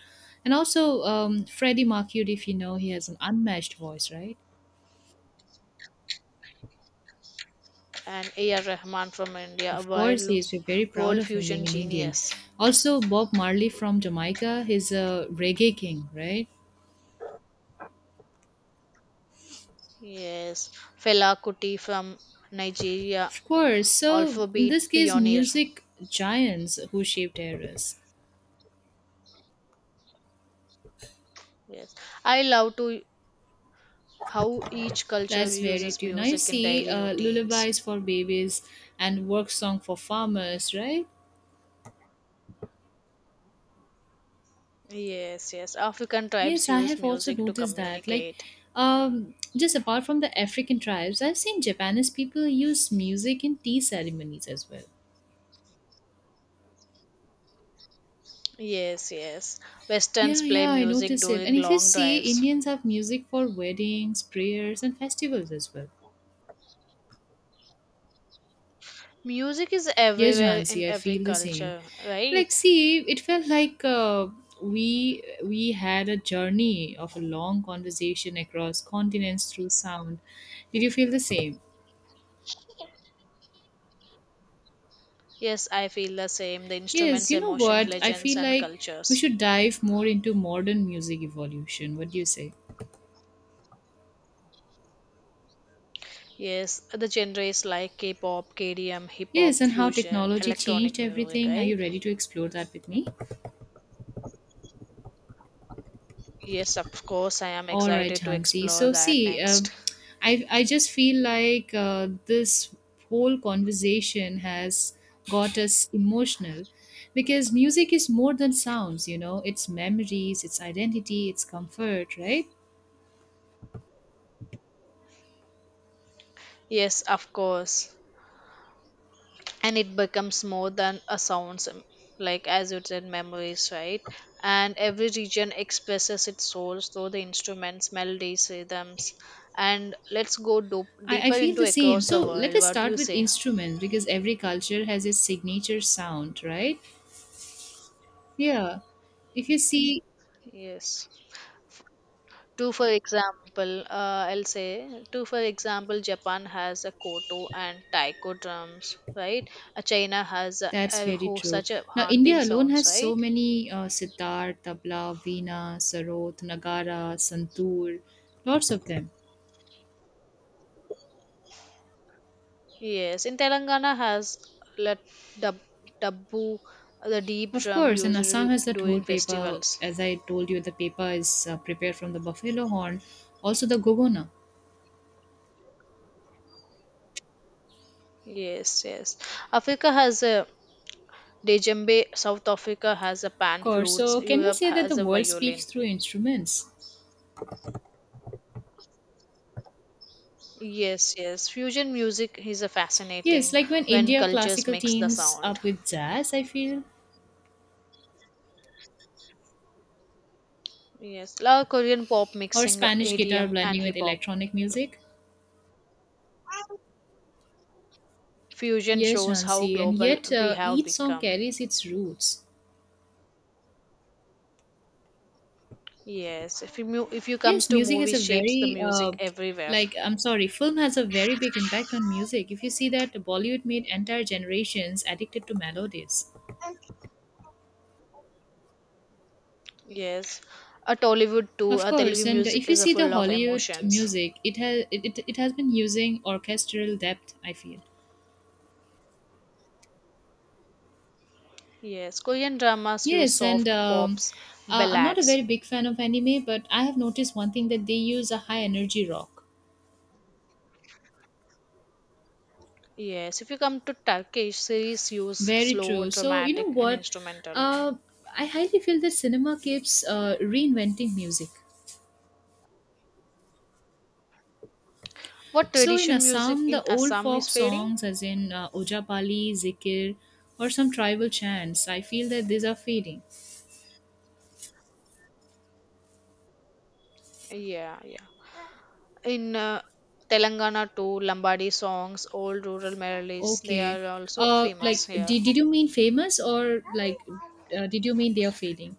[SPEAKER 2] and also Freddie Mercury. If you know, he has an unmatched voice, right?
[SPEAKER 1] and A.R. Rahman from India, a
[SPEAKER 2] Of course, he
[SPEAKER 1] world,
[SPEAKER 2] is. We're very proud
[SPEAKER 1] world
[SPEAKER 2] of him
[SPEAKER 1] fusion
[SPEAKER 2] being an Indian.
[SPEAKER 1] genius.
[SPEAKER 2] Also, Bob Marley from Jamaica. He's a reggae king, right?
[SPEAKER 1] Yes, Fela Kuti from Nigeria,
[SPEAKER 2] Of course. So in
[SPEAKER 1] alphabet
[SPEAKER 2] this case,
[SPEAKER 1] pioneer.
[SPEAKER 2] music giants who shaped eras.
[SPEAKER 1] Yes, I love to how each culture
[SPEAKER 2] That's very
[SPEAKER 1] uses
[SPEAKER 2] true. Now you
[SPEAKER 1] music in
[SPEAKER 2] see,
[SPEAKER 1] daily routines.
[SPEAKER 2] lullabies for babies and work song for farmers, right?
[SPEAKER 1] Yes, yes, African tribes
[SPEAKER 2] Yes, I
[SPEAKER 1] use
[SPEAKER 2] have also
[SPEAKER 1] music to
[SPEAKER 2] noticed that. Like,
[SPEAKER 1] communicate.
[SPEAKER 2] just apart from the African tribes, I've seen Japanese people use music in tea ceremonies as well.
[SPEAKER 1] Yes, yes, Westerns
[SPEAKER 2] Yeah,
[SPEAKER 1] play
[SPEAKER 2] yeah, I
[SPEAKER 1] music
[SPEAKER 2] noticed it.
[SPEAKER 1] during
[SPEAKER 2] And if you
[SPEAKER 1] long
[SPEAKER 2] see,
[SPEAKER 1] drives.
[SPEAKER 2] Indians have music for weddings, prayers, and festivals as well.
[SPEAKER 1] Music is
[SPEAKER 2] Yes,
[SPEAKER 1] everywhere in
[SPEAKER 2] Jhansi, I
[SPEAKER 1] every
[SPEAKER 2] feel the same.
[SPEAKER 1] culture, right?
[SPEAKER 2] Like, see, it felt like we had a journey of a long conversation across continents through sound. Did you feel the same?
[SPEAKER 1] Yes, I feel the same. The
[SPEAKER 2] Yes,
[SPEAKER 1] instruments,
[SPEAKER 2] you know
[SPEAKER 1] emotion,
[SPEAKER 2] what? I
[SPEAKER 1] legends,
[SPEAKER 2] feel
[SPEAKER 1] and
[SPEAKER 2] like we
[SPEAKER 1] cultures.
[SPEAKER 2] should dive more into modern music evolution. What do you say?
[SPEAKER 1] Yes, the genres like K-pop, KDM, hip
[SPEAKER 2] Yes,
[SPEAKER 1] hop,
[SPEAKER 2] and how
[SPEAKER 1] fusion,
[SPEAKER 2] technology changed
[SPEAKER 1] electronic music,
[SPEAKER 2] everything. Are
[SPEAKER 1] right?
[SPEAKER 2] you ready to explore that with me?
[SPEAKER 1] Yes, of course, I am
[SPEAKER 2] All right,
[SPEAKER 1] excited to
[SPEAKER 2] Hansi.
[SPEAKER 1] explore
[SPEAKER 2] So,
[SPEAKER 1] that
[SPEAKER 2] see,
[SPEAKER 1] next.
[SPEAKER 2] I just feel like this whole conversation has got us emotional because music is more than sounds, you know, it's memories, it's identity, it's comfort, right?
[SPEAKER 1] Yes, of course. And it becomes more than a sounds like as you said memories, right? And every region expresses its souls through the instruments, melodies, rhythms, and let's go
[SPEAKER 2] I
[SPEAKER 1] deeper
[SPEAKER 2] feel
[SPEAKER 1] into
[SPEAKER 2] the same.
[SPEAKER 1] across the
[SPEAKER 2] So let
[SPEAKER 1] world,
[SPEAKER 2] us
[SPEAKER 1] what do
[SPEAKER 2] start
[SPEAKER 1] you
[SPEAKER 2] with
[SPEAKER 1] say?
[SPEAKER 2] instruments because every culture has its signature sound, right? Yeah. If you see,
[SPEAKER 1] Yes, to for example, I'll say to for example Japan has a koto and taiko drums, right? China has
[SPEAKER 2] that's
[SPEAKER 1] a
[SPEAKER 2] very true.
[SPEAKER 1] such a
[SPEAKER 2] Now,
[SPEAKER 1] haunting
[SPEAKER 2] India alone
[SPEAKER 1] sounds,
[SPEAKER 2] has so
[SPEAKER 1] right?
[SPEAKER 2] many sitar, tabla, veena, sarod, nagara, santoor, lots of them.
[SPEAKER 1] Yes, in Telangana has let dab, dabbu, the deep
[SPEAKER 2] Of
[SPEAKER 1] drum
[SPEAKER 2] course, and
[SPEAKER 1] used
[SPEAKER 2] Assam has that whole
[SPEAKER 1] during
[SPEAKER 2] paper.
[SPEAKER 1] festivals.
[SPEAKER 2] As I told you, the paper is prepared from the buffalo horn, also the gogona.
[SPEAKER 1] Yes, yes. Africa has a djembe. South Africa has a
[SPEAKER 2] Of
[SPEAKER 1] pan
[SPEAKER 2] course.
[SPEAKER 1] flutes.
[SPEAKER 2] So, can we
[SPEAKER 1] Europe
[SPEAKER 2] say that
[SPEAKER 1] has
[SPEAKER 2] the
[SPEAKER 1] a
[SPEAKER 2] world speaks
[SPEAKER 1] violin.
[SPEAKER 2] through instruments?
[SPEAKER 1] Yes, yes. Fusion music is a
[SPEAKER 2] Yes,
[SPEAKER 1] fascinating
[SPEAKER 2] like when
[SPEAKER 1] when
[SPEAKER 2] India
[SPEAKER 1] cultures
[SPEAKER 2] classical
[SPEAKER 1] mix the
[SPEAKER 2] teams
[SPEAKER 1] sound.
[SPEAKER 2] up with jazz, I feel,
[SPEAKER 1] Yes, love Korean pop
[SPEAKER 2] or
[SPEAKER 1] mixing
[SPEAKER 2] Spanish guitar
[SPEAKER 1] EDM and
[SPEAKER 2] blending
[SPEAKER 1] hip
[SPEAKER 2] with
[SPEAKER 1] hop.
[SPEAKER 2] electronic music.
[SPEAKER 1] Fusion
[SPEAKER 2] Yes,
[SPEAKER 1] shows how
[SPEAKER 2] Jhansi, and
[SPEAKER 1] global
[SPEAKER 2] yet
[SPEAKER 1] we have
[SPEAKER 2] each song
[SPEAKER 1] become.
[SPEAKER 2] carries its roots.
[SPEAKER 1] Yes, if if you comes
[SPEAKER 2] Yes,
[SPEAKER 1] to
[SPEAKER 2] music
[SPEAKER 1] movie
[SPEAKER 2] has a
[SPEAKER 1] shapes the
[SPEAKER 2] very,
[SPEAKER 1] music everywhere.
[SPEAKER 2] like, I'm sorry, film has a very big impact on music. If you see that, Bollywood made entire generations addicted to melodies.
[SPEAKER 1] Yes, a Tollywood too.
[SPEAKER 2] Of
[SPEAKER 1] A Telugu
[SPEAKER 2] course, and
[SPEAKER 1] music
[SPEAKER 2] if you
[SPEAKER 1] is a
[SPEAKER 2] see the
[SPEAKER 1] full of
[SPEAKER 2] Hollywood
[SPEAKER 1] emotions.
[SPEAKER 2] music, it has been using orchestral depth, I feel.
[SPEAKER 1] Yes, Korean dramas use
[SPEAKER 2] Yes, and
[SPEAKER 1] soft pops,
[SPEAKER 2] I'm not a
[SPEAKER 1] ballads.
[SPEAKER 2] very big fan of anime, but I have noticed one thing that they use a high energy rock.
[SPEAKER 1] Yes, if you come to Turkish series, use
[SPEAKER 2] Very
[SPEAKER 1] slow,
[SPEAKER 2] true. So, you know
[SPEAKER 1] dramatic, and
[SPEAKER 2] what?
[SPEAKER 1] instrumental.
[SPEAKER 2] Uh, I highly feel that cinema keeps reinventing music.
[SPEAKER 1] What
[SPEAKER 2] So, in
[SPEAKER 1] tradition music
[SPEAKER 2] Assam, the
[SPEAKER 1] in
[SPEAKER 2] old
[SPEAKER 1] Assam is
[SPEAKER 2] folk
[SPEAKER 1] fading?
[SPEAKER 2] songs, as in Ojapali, Zikir, or some tribal chants, I feel that these are fading.
[SPEAKER 1] Yeah, yeah. In Telangana too, Lambadi songs, old rural melodies, they
[SPEAKER 2] Okay.
[SPEAKER 1] are also famous
[SPEAKER 2] Like,
[SPEAKER 1] here.
[SPEAKER 2] did you mean famous or like, did you mean they are fading?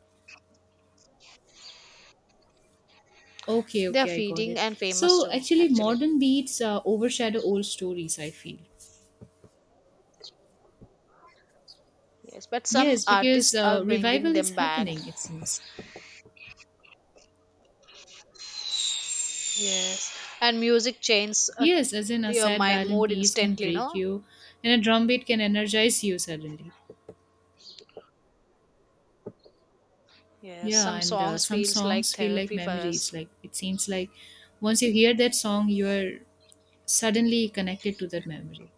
[SPEAKER 2] Okay,
[SPEAKER 1] They are
[SPEAKER 2] okay, I got
[SPEAKER 1] fading
[SPEAKER 2] it.
[SPEAKER 1] and famous
[SPEAKER 2] So
[SPEAKER 1] too,
[SPEAKER 2] actually,
[SPEAKER 1] actually.
[SPEAKER 2] modern beats overshadow old stories, I feel.
[SPEAKER 1] Yes, but some
[SPEAKER 2] Yes, because
[SPEAKER 1] artists are bringing
[SPEAKER 2] revival is
[SPEAKER 1] them back.
[SPEAKER 2] happening, it seems.
[SPEAKER 1] Yes, and music changes
[SPEAKER 2] Yes, as in a
[SPEAKER 1] your
[SPEAKER 2] sad
[SPEAKER 1] my
[SPEAKER 2] violin
[SPEAKER 1] mood
[SPEAKER 2] piece can
[SPEAKER 1] instantly.
[SPEAKER 2] break
[SPEAKER 1] No.
[SPEAKER 2] you, and a drum beat can energize you suddenly.
[SPEAKER 1] Yes,
[SPEAKER 2] Yeah,
[SPEAKER 1] some
[SPEAKER 2] and
[SPEAKER 1] songs
[SPEAKER 2] some
[SPEAKER 1] feels like
[SPEAKER 2] songs feel like
[SPEAKER 1] therapy for us.
[SPEAKER 2] memories. Like it seems like once you hear that song, you are suddenly connected to that memory.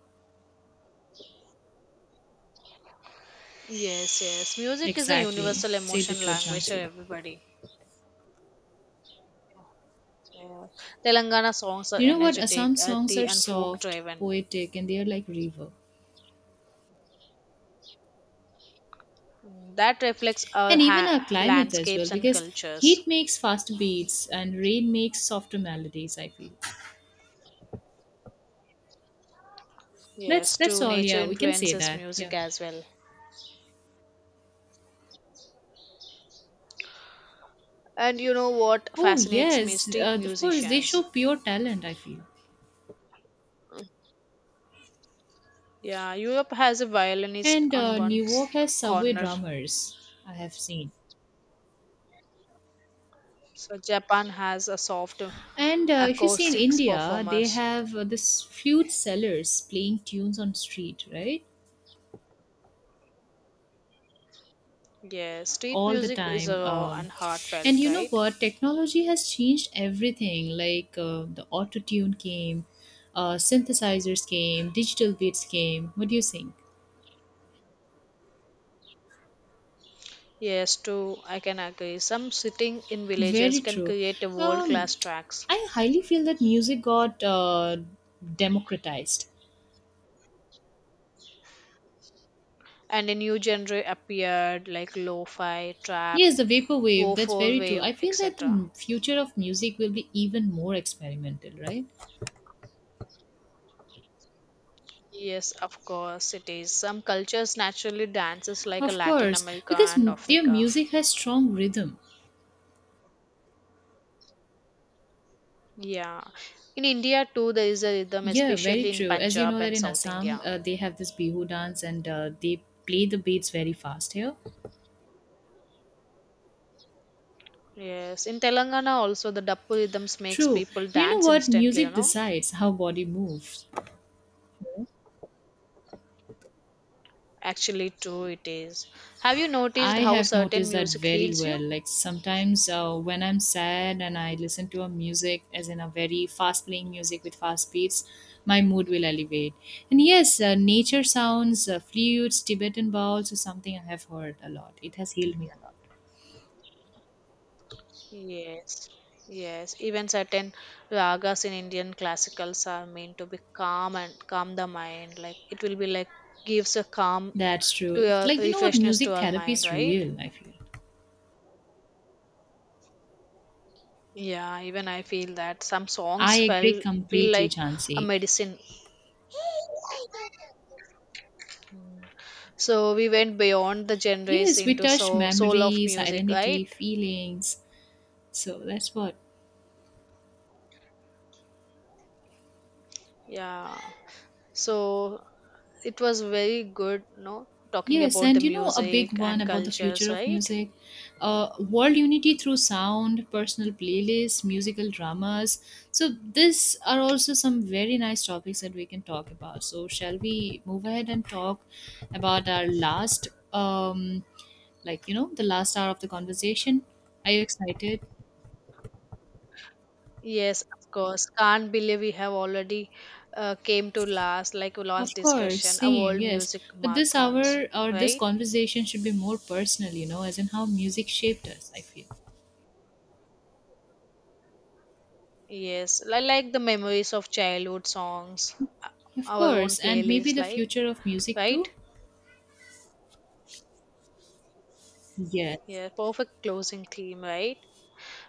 [SPEAKER 1] Yes, yes. Music is a
[SPEAKER 2] Exactly.
[SPEAKER 1] universal
[SPEAKER 2] Say the
[SPEAKER 1] emotion
[SPEAKER 2] truth,
[SPEAKER 1] language for
[SPEAKER 2] Jansi.
[SPEAKER 1] everybody. Yeah. Telangana songs are
[SPEAKER 2] You know what?
[SPEAKER 1] energetic,
[SPEAKER 2] Assam songs
[SPEAKER 1] earthy,
[SPEAKER 2] are
[SPEAKER 1] and folk
[SPEAKER 2] soft,
[SPEAKER 1] driven.
[SPEAKER 2] poetic, and they are like river.
[SPEAKER 1] That reflects our
[SPEAKER 2] And even our climate as well
[SPEAKER 1] landscapes and
[SPEAKER 2] because
[SPEAKER 1] cultures.
[SPEAKER 2] heat makes faster beats and rain makes softer melodies, I feel. that's
[SPEAKER 1] Yes,
[SPEAKER 2] that's
[SPEAKER 1] true
[SPEAKER 2] all,
[SPEAKER 1] nature
[SPEAKER 2] yeah, we can say
[SPEAKER 1] influences
[SPEAKER 2] that. Yeah.
[SPEAKER 1] music as well. And you know what
[SPEAKER 2] Oh
[SPEAKER 1] fascinates
[SPEAKER 2] yes,
[SPEAKER 1] me? Street
[SPEAKER 2] of course they
[SPEAKER 1] musicians.
[SPEAKER 2] show pure talent, I feel.
[SPEAKER 1] Yeah, Europe has a violinist
[SPEAKER 2] And
[SPEAKER 1] on
[SPEAKER 2] New York has subway
[SPEAKER 1] corner.
[SPEAKER 2] drummers, I have seen.
[SPEAKER 1] So Japan has a soft
[SPEAKER 2] And if you see in
[SPEAKER 1] acoustics
[SPEAKER 2] India, they
[SPEAKER 1] performers.
[SPEAKER 2] have this flute sellers playing tunes on street, right?
[SPEAKER 1] Yeah, street
[SPEAKER 2] All the
[SPEAKER 1] music is
[SPEAKER 2] time.
[SPEAKER 1] raw and
[SPEAKER 2] And
[SPEAKER 1] heartfelt,
[SPEAKER 2] you know
[SPEAKER 1] right?
[SPEAKER 2] what, technology has changed everything, like the auto tune came, synthesizers came, digital beats came. What do you think?
[SPEAKER 1] Yes, too, I can agree. Some sitting in villages
[SPEAKER 2] Very
[SPEAKER 1] can
[SPEAKER 2] true.
[SPEAKER 1] create a
[SPEAKER 2] um,
[SPEAKER 1] world-class tracks.
[SPEAKER 2] I highly feel that music got democratized.
[SPEAKER 1] And a new genre appeared like lo-fi, trap,
[SPEAKER 2] Yes, the vaporwave,
[SPEAKER 1] 4
[SPEAKER 2] that's very true.
[SPEAKER 1] wave,
[SPEAKER 2] I feel that
[SPEAKER 1] etc.
[SPEAKER 2] future of music will be even more experimental, right?
[SPEAKER 1] Yes, of course it is. Some cultures naturally dances like a
[SPEAKER 2] Of
[SPEAKER 1] Latin
[SPEAKER 2] course
[SPEAKER 1] America
[SPEAKER 2] because
[SPEAKER 1] and
[SPEAKER 2] their
[SPEAKER 1] Africa.
[SPEAKER 2] music has strong rhythm.
[SPEAKER 1] Yeah. In India too there is a rhythm,
[SPEAKER 2] Yeah, very
[SPEAKER 1] especially in
[SPEAKER 2] true. As you
[SPEAKER 1] Punjab
[SPEAKER 2] know that
[SPEAKER 1] and
[SPEAKER 2] in
[SPEAKER 1] South
[SPEAKER 2] Assam,
[SPEAKER 1] India.
[SPEAKER 2] they have this Bihu dance and they play the beats very fast here.
[SPEAKER 1] Yes. In Telangana also the Dappu rhythms makes
[SPEAKER 2] True.
[SPEAKER 1] people
[SPEAKER 2] You know
[SPEAKER 1] dance
[SPEAKER 2] what?
[SPEAKER 1] instantly, you
[SPEAKER 2] Music
[SPEAKER 1] know.
[SPEAKER 2] decides how body moves.
[SPEAKER 1] Actually true it is. Have you noticed
[SPEAKER 2] I
[SPEAKER 1] how
[SPEAKER 2] have
[SPEAKER 1] certain
[SPEAKER 2] noticed that
[SPEAKER 1] music
[SPEAKER 2] very
[SPEAKER 1] heals
[SPEAKER 2] well.
[SPEAKER 1] you?
[SPEAKER 2] Like sometimes when I'm sad and I listen to a music, as in a very fast playing music with fast beats, my mood will elevate. And yes, nature sounds, flutes, Tibetan bowls, or something I have heard a lot. It has healed me a lot.
[SPEAKER 1] Yes. Yes. Even certain ragas in Indian classicals are meant to be calm and calm the mind. Like it will be like gives a calm
[SPEAKER 2] That's
[SPEAKER 1] to
[SPEAKER 2] true.
[SPEAKER 1] your
[SPEAKER 2] Like you know what?
[SPEAKER 1] refreshness to
[SPEAKER 2] Music
[SPEAKER 1] our
[SPEAKER 2] therapy
[SPEAKER 1] mind,
[SPEAKER 2] is
[SPEAKER 1] right?
[SPEAKER 2] real, I feel.
[SPEAKER 1] Yeah, even I feel that some
[SPEAKER 2] I
[SPEAKER 1] songs
[SPEAKER 2] agree
[SPEAKER 1] felt feel
[SPEAKER 2] completely,
[SPEAKER 1] like a
[SPEAKER 2] Chansey.
[SPEAKER 1] medicine. So we went beyond the genres
[SPEAKER 2] Yes, we
[SPEAKER 1] into
[SPEAKER 2] touched
[SPEAKER 1] so soul of
[SPEAKER 2] memories,
[SPEAKER 1] music, right?
[SPEAKER 2] identity, feelings. So that's what.
[SPEAKER 1] Yeah. So it was very good, no, talking
[SPEAKER 2] Yes,
[SPEAKER 1] about the
[SPEAKER 2] and you know, a big
[SPEAKER 1] music
[SPEAKER 2] one
[SPEAKER 1] and
[SPEAKER 2] about the
[SPEAKER 1] cultures,
[SPEAKER 2] future of
[SPEAKER 1] right?
[SPEAKER 2] music, world unity through sound, personal playlists, musical dramas. So, these are also some very nice topics that we can talk about. So, shall we move ahead and talk about our last, like, you know, the last hour of the conversation? Are you excited?
[SPEAKER 1] Yes, of course. Can't believe we have already came to last, like last
[SPEAKER 2] Of course,
[SPEAKER 1] discussion, a
[SPEAKER 2] same,
[SPEAKER 1] world
[SPEAKER 2] yes.
[SPEAKER 1] music
[SPEAKER 2] But this
[SPEAKER 1] marathons,
[SPEAKER 2] hour or this
[SPEAKER 1] right?
[SPEAKER 2] conversation should be more personal, you know, as in how music shaped us, I feel.
[SPEAKER 1] Yes, I like the memories of childhood songs, uh,
[SPEAKER 2] Of
[SPEAKER 1] our own
[SPEAKER 2] course, and maybe
[SPEAKER 1] playlist,
[SPEAKER 2] the
[SPEAKER 1] like
[SPEAKER 2] future of music
[SPEAKER 1] right.
[SPEAKER 2] too? Yes.
[SPEAKER 1] Yeah, perfect closing theme, right?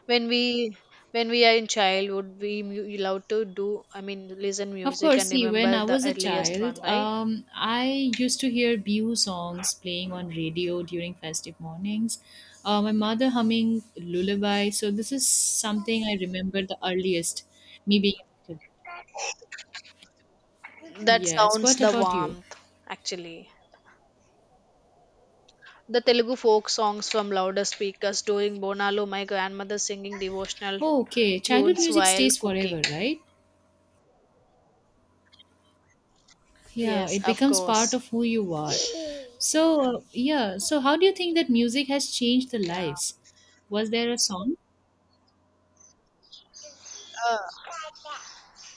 [SPEAKER 1] When we when we are in childhood, love to do. I mean, listen
[SPEAKER 2] Of
[SPEAKER 1] music
[SPEAKER 2] course,
[SPEAKER 1] and
[SPEAKER 2] see, when
[SPEAKER 1] remember
[SPEAKER 2] I
[SPEAKER 1] the
[SPEAKER 2] was a
[SPEAKER 1] earliest
[SPEAKER 2] child,
[SPEAKER 1] one, right?
[SPEAKER 2] I used to hear Bihu songs playing on radio during festive mornings. My mother humming lullaby. So this is something I remember the earliest, me being a kid.
[SPEAKER 1] That
[SPEAKER 2] Yes.
[SPEAKER 1] sounds
[SPEAKER 2] What
[SPEAKER 1] the
[SPEAKER 2] about you?
[SPEAKER 1] warmth actually. The Telugu folk songs from louder speakers during Bonalu, my grandmother singing devotional
[SPEAKER 2] Oh, okay, childhood
[SPEAKER 1] tunes
[SPEAKER 2] music
[SPEAKER 1] while
[SPEAKER 2] stays
[SPEAKER 1] cooking.
[SPEAKER 2] forever, right? Yeah,
[SPEAKER 1] Yes,
[SPEAKER 2] it
[SPEAKER 1] of
[SPEAKER 2] becomes part
[SPEAKER 1] course.
[SPEAKER 2] of who you are. So, yeah, so how do you think that music has changed the
[SPEAKER 1] Yeah.
[SPEAKER 2] lives? Was there a song?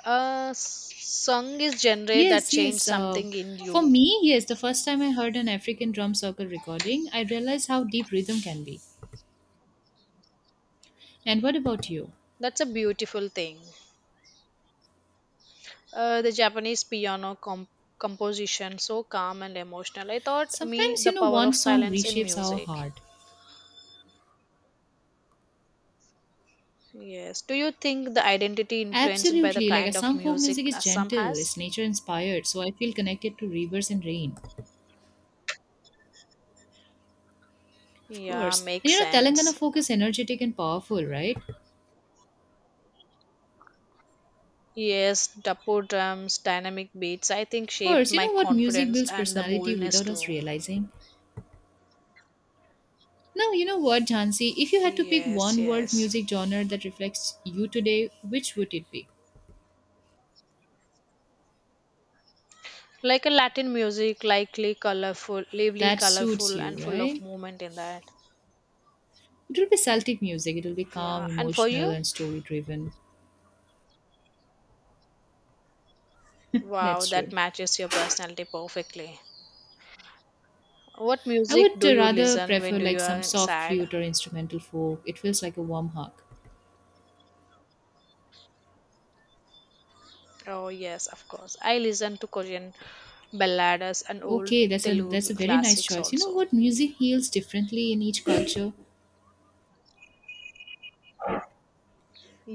[SPEAKER 1] A song is genre that
[SPEAKER 2] Yes,
[SPEAKER 1] changed
[SPEAKER 2] yes.
[SPEAKER 1] something in
[SPEAKER 2] For
[SPEAKER 1] you.
[SPEAKER 2] me, yes, the first time I heard an African drum circle recording, I realized how deep rhythm can be. And what about you?
[SPEAKER 1] That's a beautiful thing. The Japanese piano composition, so calm and emotional. I thought me
[SPEAKER 2] Sometimes,
[SPEAKER 1] the
[SPEAKER 2] you know,
[SPEAKER 1] power
[SPEAKER 2] one
[SPEAKER 1] of
[SPEAKER 2] song
[SPEAKER 1] silence in
[SPEAKER 2] reshapes our
[SPEAKER 1] music.
[SPEAKER 2] heart.
[SPEAKER 1] Yes. Do you think the identity influenced by the
[SPEAKER 2] Absolutely. Like,
[SPEAKER 1] kind of
[SPEAKER 2] some folk music
[SPEAKER 1] music
[SPEAKER 2] is
[SPEAKER 1] Assam
[SPEAKER 2] gentle,
[SPEAKER 1] has?
[SPEAKER 2] it's nature inspired, so I feel connected to rivers and rain. Of
[SPEAKER 1] Yeah,
[SPEAKER 2] course. And
[SPEAKER 1] makes
[SPEAKER 2] you know, Telangana
[SPEAKER 1] sense.
[SPEAKER 2] folk is energetic and powerful, right?
[SPEAKER 1] Yes, dappo drums, dynamic beats. I think shaped
[SPEAKER 2] First, you
[SPEAKER 1] my
[SPEAKER 2] know what? Music
[SPEAKER 1] confidence
[SPEAKER 2] builds
[SPEAKER 1] and the
[SPEAKER 2] personality
[SPEAKER 1] boldness
[SPEAKER 2] without us
[SPEAKER 1] too.
[SPEAKER 2] realizing. Now, you know what, Jansi? If you had to pick
[SPEAKER 1] Yes,
[SPEAKER 2] one world
[SPEAKER 1] yes.
[SPEAKER 2] music genre that reflects you today, which would it be?
[SPEAKER 1] Like a Latin music, likely colorful, lively,
[SPEAKER 2] That suits
[SPEAKER 1] colorful,
[SPEAKER 2] you,
[SPEAKER 1] and full of
[SPEAKER 2] right?
[SPEAKER 1] movement in that.
[SPEAKER 2] It will be Celtic music. It will be calm,
[SPEAKER 1] Yeah. And for
[SPEAKER 2] emotional,
[SPEAKER 1] you?
[SPEAKER 2] and story driven.
[SPEAKER 1] Wow,
[SPEAKER 2] That's
[SPEAKER 1] that
[SPEAKER 2] true.
[SPEAKER 1] matches your personality perfectly. What
[SPEAKER 2] I
[SPEAKER 1] music
[SPEAKER 2] would
[SPEAKER 1] do you
[SPEAKER 2] rather
[SPEAKER 1] listen when
[SPEAKER 2] prefer
[SPEAKER 1] do
[SPEAKER 2] like
[SPEAKER 1] you
[SPEAKER 2] some
[SPEAKER 1] are
[SPEAKER 2] soft
[SPEAKER 1] sad?
[SPEAKER 2] flute or instrumental folk. It feels like a warm hug.
[SPEAKER 1] Oh yes, of course. I listen to Korean ballads and old
[SPEAKER 2] Okay, that's a that's
[SPEAKER 1] Telugu
[SPEAKER 2] a very nice
[SPEAKER 1] classics
[SPEAKER 2] choice. You know
[SPEAKER 1] also.
[SPEAKER 2] what? Music heals differently in each culture.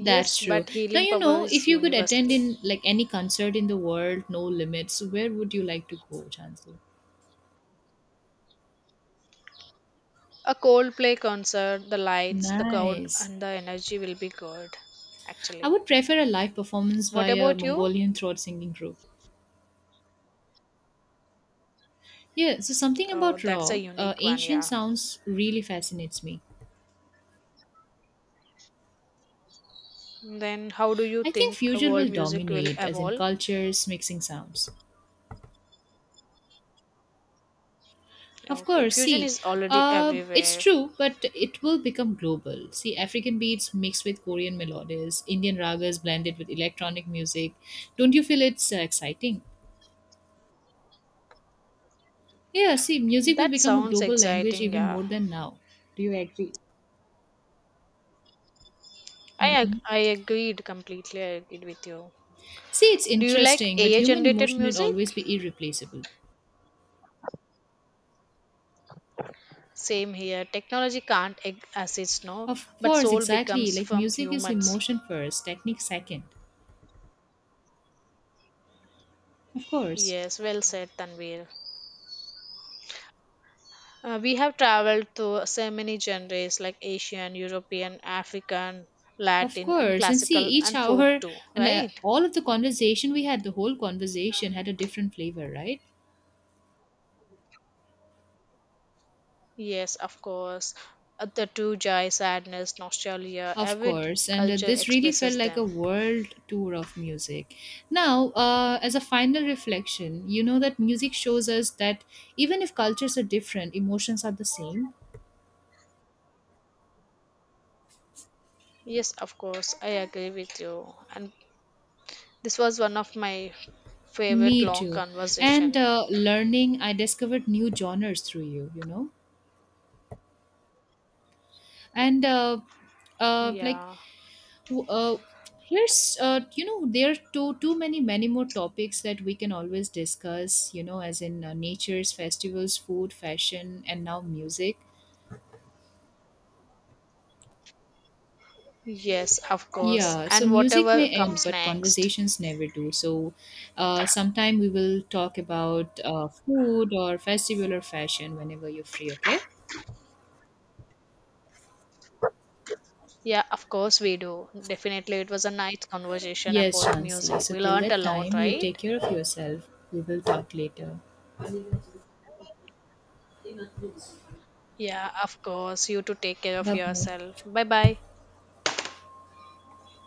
[SPEAKER 2] That's true.
[SPEAKER 1] but
[SPEAKER 2] Now
[SPEAKER 1] healing
[SPEAKER 2] you
[SPEAKER 1] power
[SPEAKER 2] know,
[SPEAKER 1] is
[SPEAKER 2] if you could attend
[SPEAKER 1] universal.
[SPEAKER 2] in like any concert in the world, no limits, where would you like to go, Chansu?
[SPEAKER 1] A Coldplay concert, the lights, the crowd,
[SPEAKER 2] Nice.
[SPEAKER 1] and the energy will be good.
[SPEAKER 2] I
[SPEAKER 1] Actually,
[SPEAKER 2] would prefer a live performance
[SPEAKER 1] what
[SPEAKER 2] by a
[SPEAKER 1] about you?
[SPEAKER 2] Mongolian throat singing group. Yeah, so something
[SPEAKER 1] Oh,
[SPEAKER 2] about
[SPEAKER 1] that's a
[SPEAKER 2] raw,
[SPEAKER 1] unique one,
[SPEAKER 2] ancient
[SPEAKER 1] yeah.
[SPEAKER 2] sounds really fascinates me.
[SPEAKER 1] Then, how do you
[SPEAKER 2] I think
[SPEAKER 1] think
[SPEAKER 2] fusion will
[SPEAKER 1] world music will
[SPEAKER 2] dominate, as in
[SPEAKER 1] evolve?
[SPEAKER 2] cultures mixing sounds. Of
[SPEAKER 1] Okay,
[SPEAKER 2] course,
[SPEAKER 1] fusion
[SPEAKER 2] see,
[SPEAKER 1] is already
[SPEAKER 2] it's
[SPEAKER 1] everywhere.
[SPEAKER 2] true, but it will become global. See, African beats mixed with Korean melodies, Indian ragas blended with electronic music. Don't you feel it's exciting? Yeah, see, music will
[SPEAKER 1] That
[SPEAKER 2] become a
[SPEAKER 1] sounds
[SPEAKER 2] global language
[SPEAKER 1] exciting,
[SPEAKER 2] even
[SPEAKER 1] yeah.
[SPEAKER 2] more than now. Do you agree?
[SPEAKER 1] I agreed completely. I agreed with you.
[SPEAKER 2] See, it's
[SPEAKER 1] Do you like
[SPEAKER 2] interesting, but
[SPEAKER 1] AI
[SPEAKER 2] human
[SPEAKER 1] generated
[SPEAKER 2] emotion will
[SPEAKER 1] music?
[SPEAKER 2] always be irreplaceable.
[SPEAKER 1] Same here. Technology can't assist, no,
[SPEAKER 2] Of
[SPEAKER 1] but
[SPEAKER 2] course,
[SPEAKER 1] soul
[SPEAKER 2] exactly.
[SPEAKER 1] becomes
[SPEAKER 2] Like
[SPEAKER 1] from
[SPEAKER 2] music is
[SPEAKER 1] humans.
[SPEAKER 2] emotion first, technique second. Of course.
[SPEAKER 1] Yes, well said, Tanvir. We have traveled to so many genres like Asian, European, African,
[SPEAKER 2] Of
[SPEAKER 1] Latin, and
[SPEAKER 2] course. And see,
[SPEAKER 1] classical
[SPEAKER 2] each
[SPEAKER 1] and folk
[SPEAKER 2] hour
[SPEAKER 1] too,
[SPEAKER 2] and
[SPEAKER 1] right?
[SPEAKER 2] all of the conversation we had, the whole conversation had a different flavor, right?
[SPEAKER 1] Yes, of course. The two joy, sadness, nostalgia,
[SPEAKER 2] Of
[SPEAKER 1] every
[SPEAKER 2] course. And
[SPEAKER 1] culture
[SPEAKER 2] this really felt
[SPEAKER 1] expresses
[SPEAKER 2] like a
[SPEAKER 1] them.
[SPEAKER 2] world tour of music. Now, as a final reflection, you know that music shows us that even if cultures are different, emotions are the same.
[SPEAKER 1] Yes, of course, I agree with you. And this was one of my favorite
[SPEAKER 2] Me
[SPEAKER 1] long
[SPEAKER 2] too. And
[SPEAKER 1] conversation.
[SPEAKER 2] learning, I discovered new genres through you, you know? And like
[SPEAKER 1] Yeah.
[SPEAKER 2] Who- Uh, here's you know there are too many more topics that we can always discuss. You know, as in nature's festivals, food, fashion, and now music.
[SPEAKER 1] Yes, of course.
[SPEAKER 2] Yeah, so
[SPEAKER 1] And
[SPEAKER 2] music
[SPEAKER 1] whatever
[SPEAKER 2] may end,
[SPEAKER 1] comes
[SPEAKER 2] but
[SPEAKER 1] next.
[SPEAKER 2] conversations never do. So, sometime we will talk about food or festival or fashion whenever you're free. Okay.
[SPEAKER 1] Yeah, of course we do. Definitely, it was a nice conversation
[SPEAKER 2] Yes,
[SPEAKER 1] about
[SPEAKER 2] Shansi.
[SPEAKER 1] music.
[SPEAKER 2] So
[SPEAKER 1] We
[SPEAKER 2] till
[SPEAKER 1] learned a
[SPEAKER 2] that
[SPEAKER 1] lot,
[SPEAKER 2] time, you
[SPEAKER 1] right?
[SPEAKER 2] take care of yourself. We will talk later.
[SPEAKER 1] Yeah, of course. You to take care of
[SPEAKER 2] Bye bye.
[SPEAKER 1] yourself. Bye bye.